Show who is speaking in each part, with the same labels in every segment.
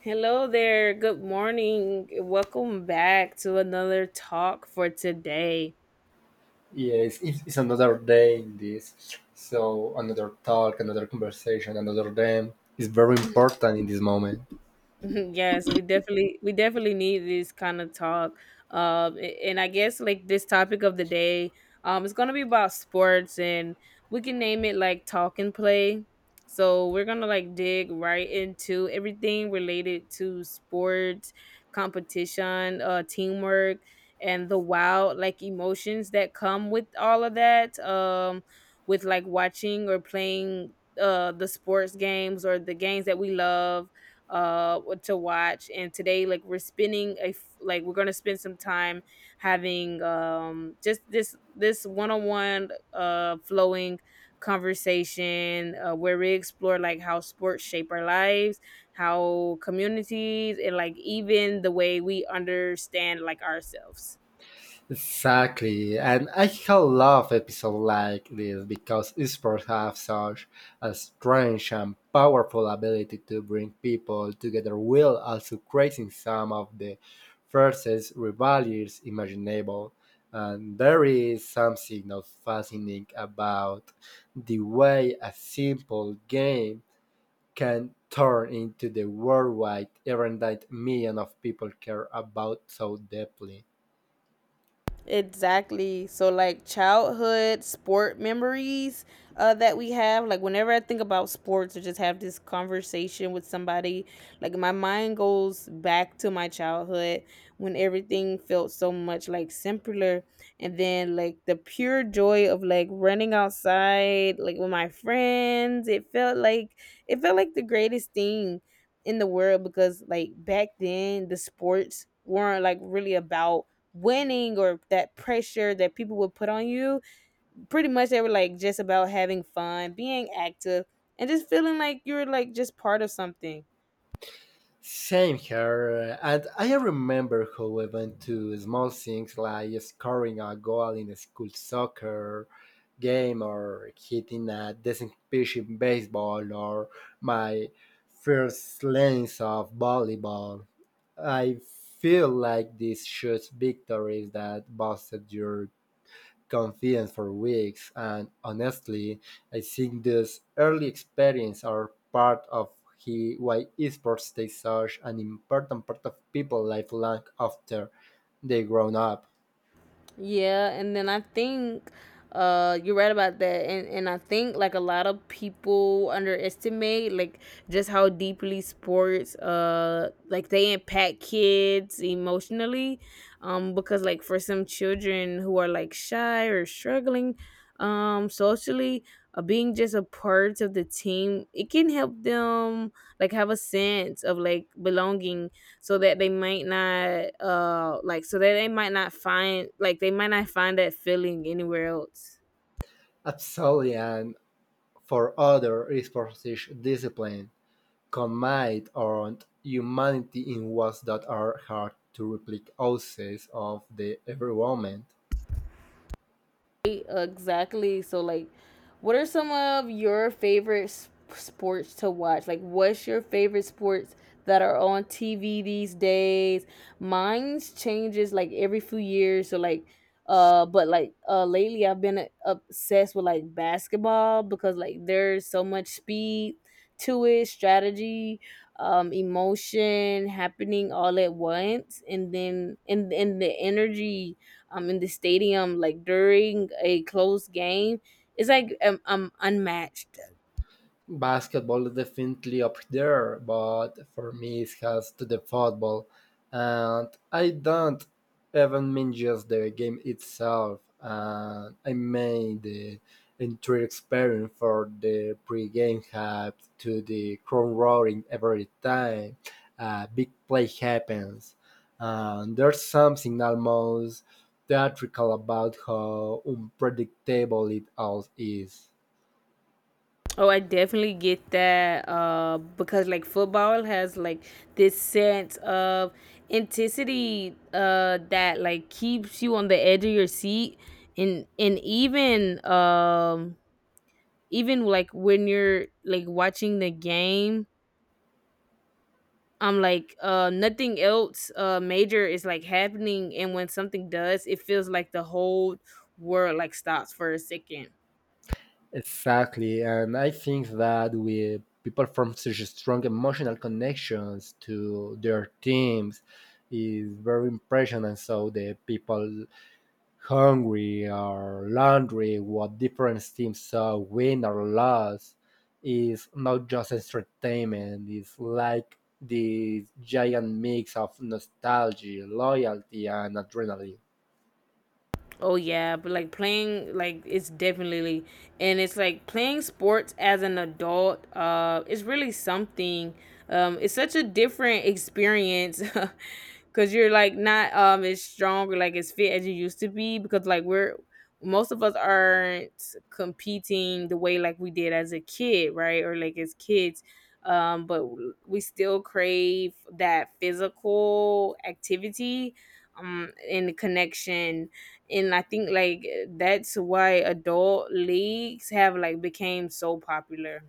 Speaker 1: Hello there. Good morning. Welcome back to another talk for today.
Speaker 2: Yes, it's another day in this. So another talk, another conversation, another day is very important in this moment.
Speaker 1: Yes, we definitely need this kind of talk. And I guess like this topic of the day, it's gonna be about sports, and we can name it like Talk and Play. So we're gonna like dig right into everything related to sports, competition, teamwork, and the wild like emotions that come with all of that. With like watching or playing the sports games or the games that we love to watch. And today like we're spending a f- like we're gonna spend some time having just this one-on-one flowing conversation where we explore like how sports shape our lives, how communities, and like even the way we understand like ourselves.
Speaker 2: Exactly, and I love episodes like this because esports have such a strange and powerful ability to bring people together while also creating some of the fiercest rivalries imaginable. And there is something not fascinating about the way a simple game can turn into the worldwide event that millions of people care about so deeply.
Speaker 1: Exactly. So like childhood sport memories that we have. Like whenever I think about sports or just have this conversation with somebody, like my mind goes back to my childhood when everything felt so much like simpler, and then like the pure joy of like running outside like with my friends. It felt like the greatest thing in the world, because like back then the sports weren't like really about winning or that pressure that people would put on you. Pretty much they were like just about having fun, being active, and just feeling like you're like just part of something.
Speaker 2: Same here, and I remember how even to small things like scoring a goal in a school soccer game or hitting a decent pitch in baseball or my first lens of volleyball. I feel like these should victories that boosted your confidence for weeks. And honestly, I think this early experience are part of he, why esports stays such an important part of people's life long after they grown up.
Speaker 1: Yeah, and then I think you're right about that. And I think like a lot of people underestimate like just how deeply sports like they impact kids emotionally, because like for some children who are like shy or struggling socially, being just a part of the team, it can help them like have a sense of like belonging, so that they might not like so that they might not find like they might not find that feeling anywhere else.
Speaker 2: Absolutely, and for other esports is discipline, commit on humanity in ways that are hard to replicate outside of the every moment.
Speaker 1: Exactly. So, like, what are some of your favorite sports to watch? Like, what's your favorite sports that are on TV these days? Mine's changes like every few years. So, like, lately I've been obsessed with like basketball, because like there's so much speed to it, strategy, emotion happening all at once, and then and the energy in the stadium like during a close game, it's like unmatched.
Speaker 2: Basketball is definitely up there, but for me it has to the football, and I don't even mean just the game itself. And I made the entire experience for the pre-game hype to the crowd roaring every time a big play happens. And there's something almost theatrical about how unpredictable it all is.
Speaker 1: Oh, I definitely get that, because like football has like this sense of intensity that like keeps you on the edge of your seat. And even like when you're like watching the game, I'm like, nothing else major is like happening, and when something does, it feels like the whole world like stops for a second.
Speaker 2: Exactly, and I think that we people form such a strong emotional connections to their teams is very impression, and so the people hungry or laundry what different teams saw win or lose is not just entertainment. It's like the giant mix of nostalgia, loyalty, and adrenaline.
Speaker 1: Oh yeah, but like playing, like it's definitely, and it's like playing sports as an adult, it's really something. It's such a different experience. Cuz you're like not as strong or like as fit as you used to be, because like we're, most of us aren't competing the way like we did as a kid, right? Or like as kids. But we still crave that physical activity and the connection. And I think like that's why adult leagues have like became so popular.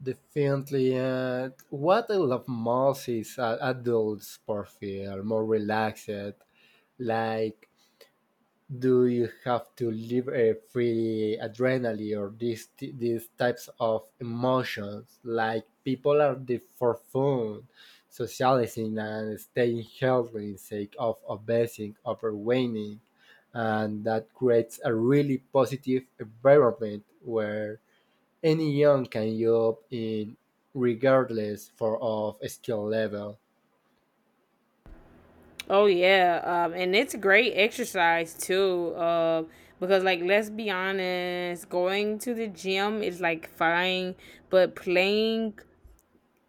Speaker 2: Definitely. And what I love most is adults profile, more relaxed. Like, do you have to live a free adrenaline or these types of emotions? Like, people are there for fun, socializing and staying healthy in sake of obsessing, overwhelming, and that creates a really positive environment where anyone can jump in regardless for of skill level.
Speaker 1: Oh yeah, and it's great exercise too. Because like let's be honest, going to the gym is like fine, but playing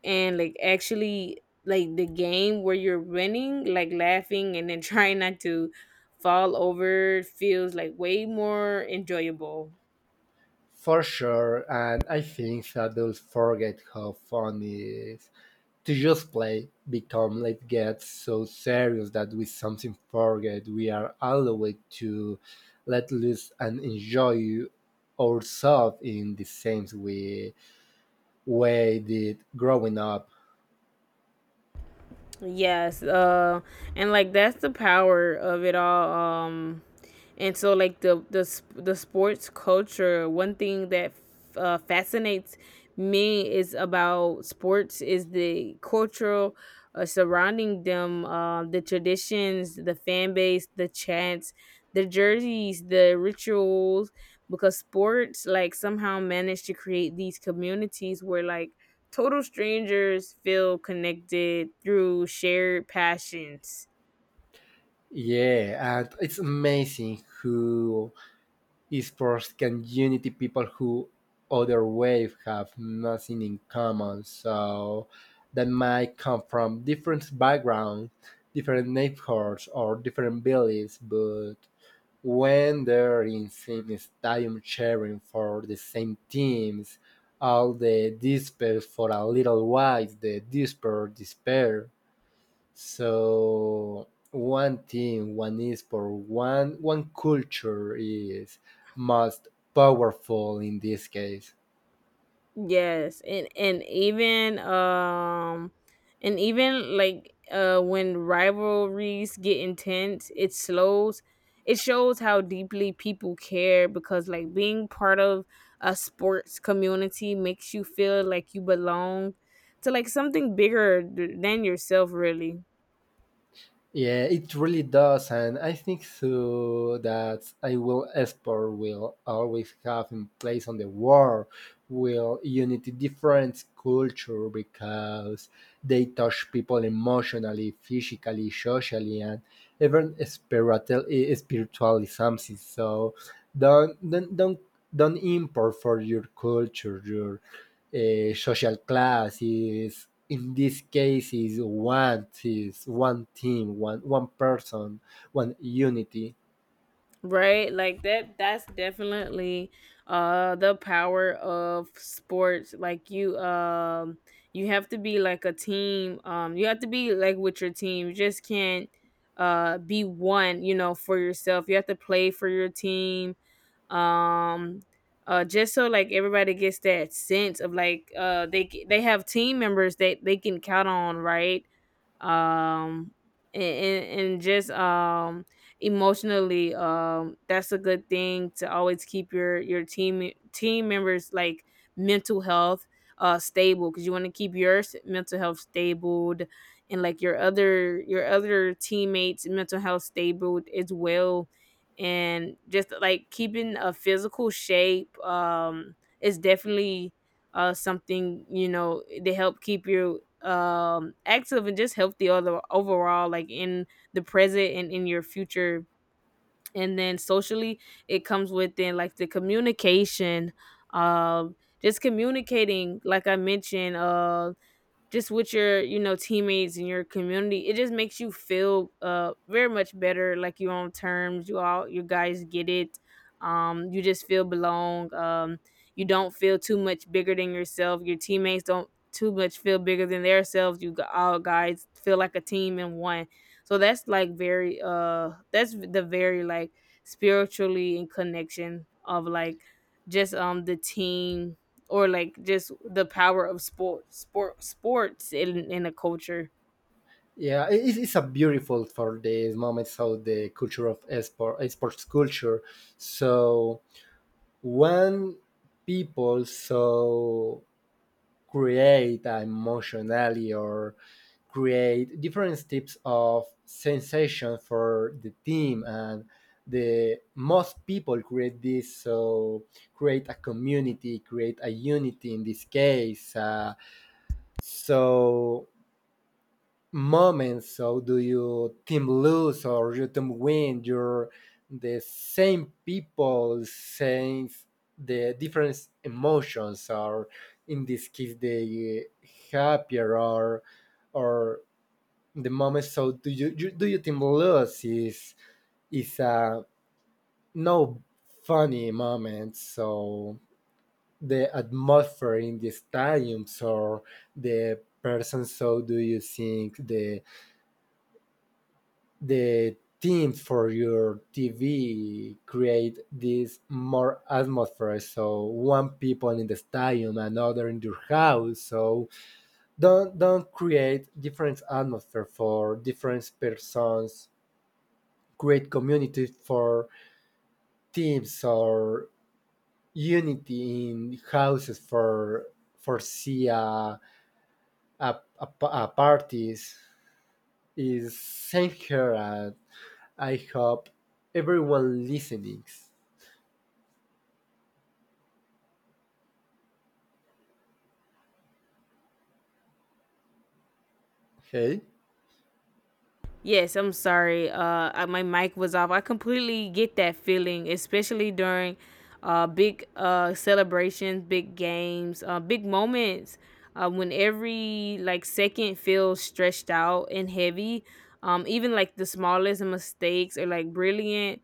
Speaker 1: and like actually like the game where you're winning, like laughing, and then trying not to fall over feels like way more enjoyable.
Speaker 2: For sure, and I think adults forget how fun it is to just play, become it gets so serious that we something forget we are allowed to let loose and enjoy ourselves in the same way did growing up.
Speaker 1: Yes, and like that's the power of it all. Um, and so like the sports culture. One thing that fascinates me is about sports is the cultural, surrounding them, the traditions, the fan base, the chants, the jerseys, the rituals. Because sports like somehow managed to create these communities where like total strangers feel connected through shared passions.
Speaker 2: Yeah, and it's amazing who esports can unity people who other wave have nothing in common, so that might come from different backgrounds, different neighborhoods, or different villages, but when they're in same stadium cheering for the same teams, all the despair for a little while. The despair, so one thing, one is for one culture is most powerful in this case.
Speaker 1: Yes, and even like when rivalries get intense, it shows how deeply people care, because like being part of a sports community makes you feel like you belong to like something bigger than yourself really.
Speaker 2: Yeah, it really does, and I think so that I will sport will always have in place on the world, will unity different culture because they touch people emotionally, physically, socially, and even spiritual spiritually something. So don't don't don't don't import for your culture, your social class is in this case, is one, is one team, one person, one unity.
Speaker 1: Right? Like that's definitely the power of sports. Like you you have to be like a team. You have to be like with your team. You just can't be one, you know, for yourself. You have to play for your team. Um just so like everybody gets that sense of like they they have team members that they can count on, right? um and just emotionally that's a good thing, to always keep your team members like mental health stable, because you want to keep your mental health stable, and like your other teammates' mental health stable as well. And just like keeping a physical shape is definitely something, you know, to help keep your active and just healthy all overall, like in the present and in your future. And then socially, it comes within like the communication, um just communicating, like I mentioned, just with your, you know, teammates and your community. It just makes you feel very much better, like you're on terms, you all, you guys get it. You just feel belong. You don't feel too much bigger than yourself, your teammates don't too much feel bigger than themselves, you all guys feel like a team and one. So that's like very that's the very like spiritually in connection of like just the team, or like just the power of sports in a culture.
Speaker 2: Yeah, it's a beautiful for these moments how the culture of esports, culture. So when people so create emotionally or create different types of sensation for the team, and the most people create this, so create a community, create a unity in this case, so moments. So do you team lose or you team win? You're the same people saying the different emotions or in this case the happier or the moment, so do you team lose is a no funny moment, so the atmosphere in the stadiums or the person. So do you think the theme for your TV create this more atmosphere. So one people in the stadium, another in your house. So don't create different atmosphere for different persons. Create community for teams or unity in houses for see a, a parties is same here, and I hope everyone listening. Okay.
Speaker 1: Yes, I'm sorry, I, my mic was off. I completely get that feeling, especially during big celebrations, big games, big moments, when every like second feels stretched out and heavy. Even like the smallest mistakes or like brilliant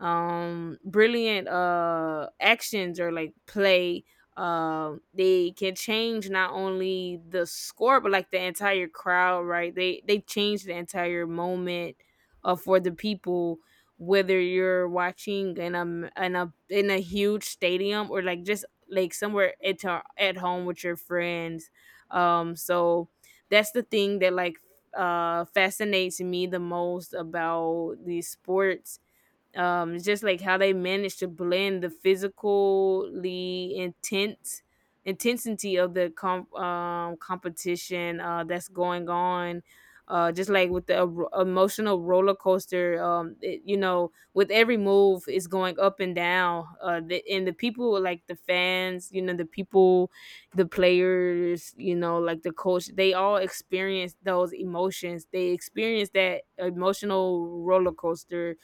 Speaker 1: actions or like play, they can change not only the score but like the entire crowd, right? They change the entire moment for the people, whether you're watching in a in a huge stadium, or like just like somewhere at home with your friends. So that's the thing that like fascinates me the most about these sports. It's just like how they manage to blend the physically intense intensity of the competition that's going on, just like with the emotional roller coaster. It, you know, with every move it's going up and down. And the people, like the fans, you know, the people, the players, you know, like the coach, they all experience those emotions, they experience that emotional roller coaster.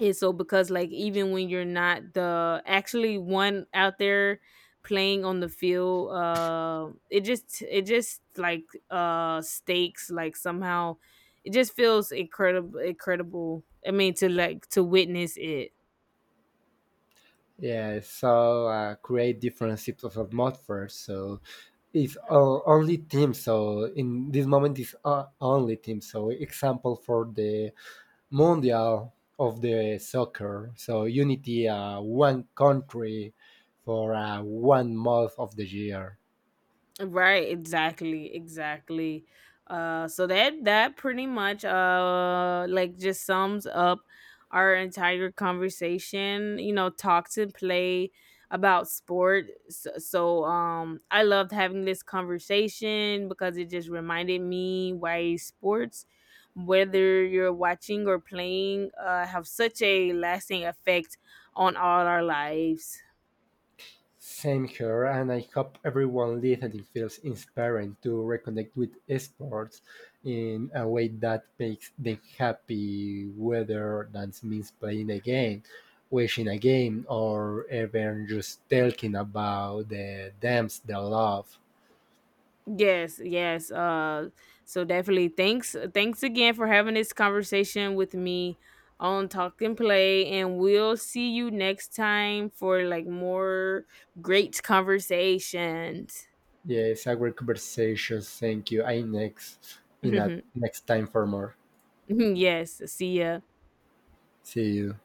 Speaker 1: And so, because like even when you're not the actually one out there playing on the field, it just stakes, like somehow it just feels incredible, I mean, to like to witness it.
Speaker 2: Yeah, I saw create different C++ plus plus mod first, so it's only team. So in this moment, it's only team. So example for the Mundial of the soccer. So Unity, one country for 1 month of the year.
Speaker 1: Right, exactly, exactly. So that pretty much like just sums up our entire conversation, you know, Talks and Play, about sport. So, so I loved having this conversation, because it just reminded me why sports, whether you're watching or playing, have such a lasting effect on all our lives.
Speaker 2: Same here, and I hope everyone listening feels inspired to reconnect with sports in a way that makes them happy, whether that means playing a game, watching a game, or even just talking about the dams they love.
Speaker 1: Yes, yes. So definitely thanks again for having this conversation with me on Talk and Play, and we'll see you next time for like more great conversations.
Speaker 2: Yes, a great conversation. Thank you. I next in a next time for more.
Speaker 1: Yes, see ya.
Speaker 2: See you.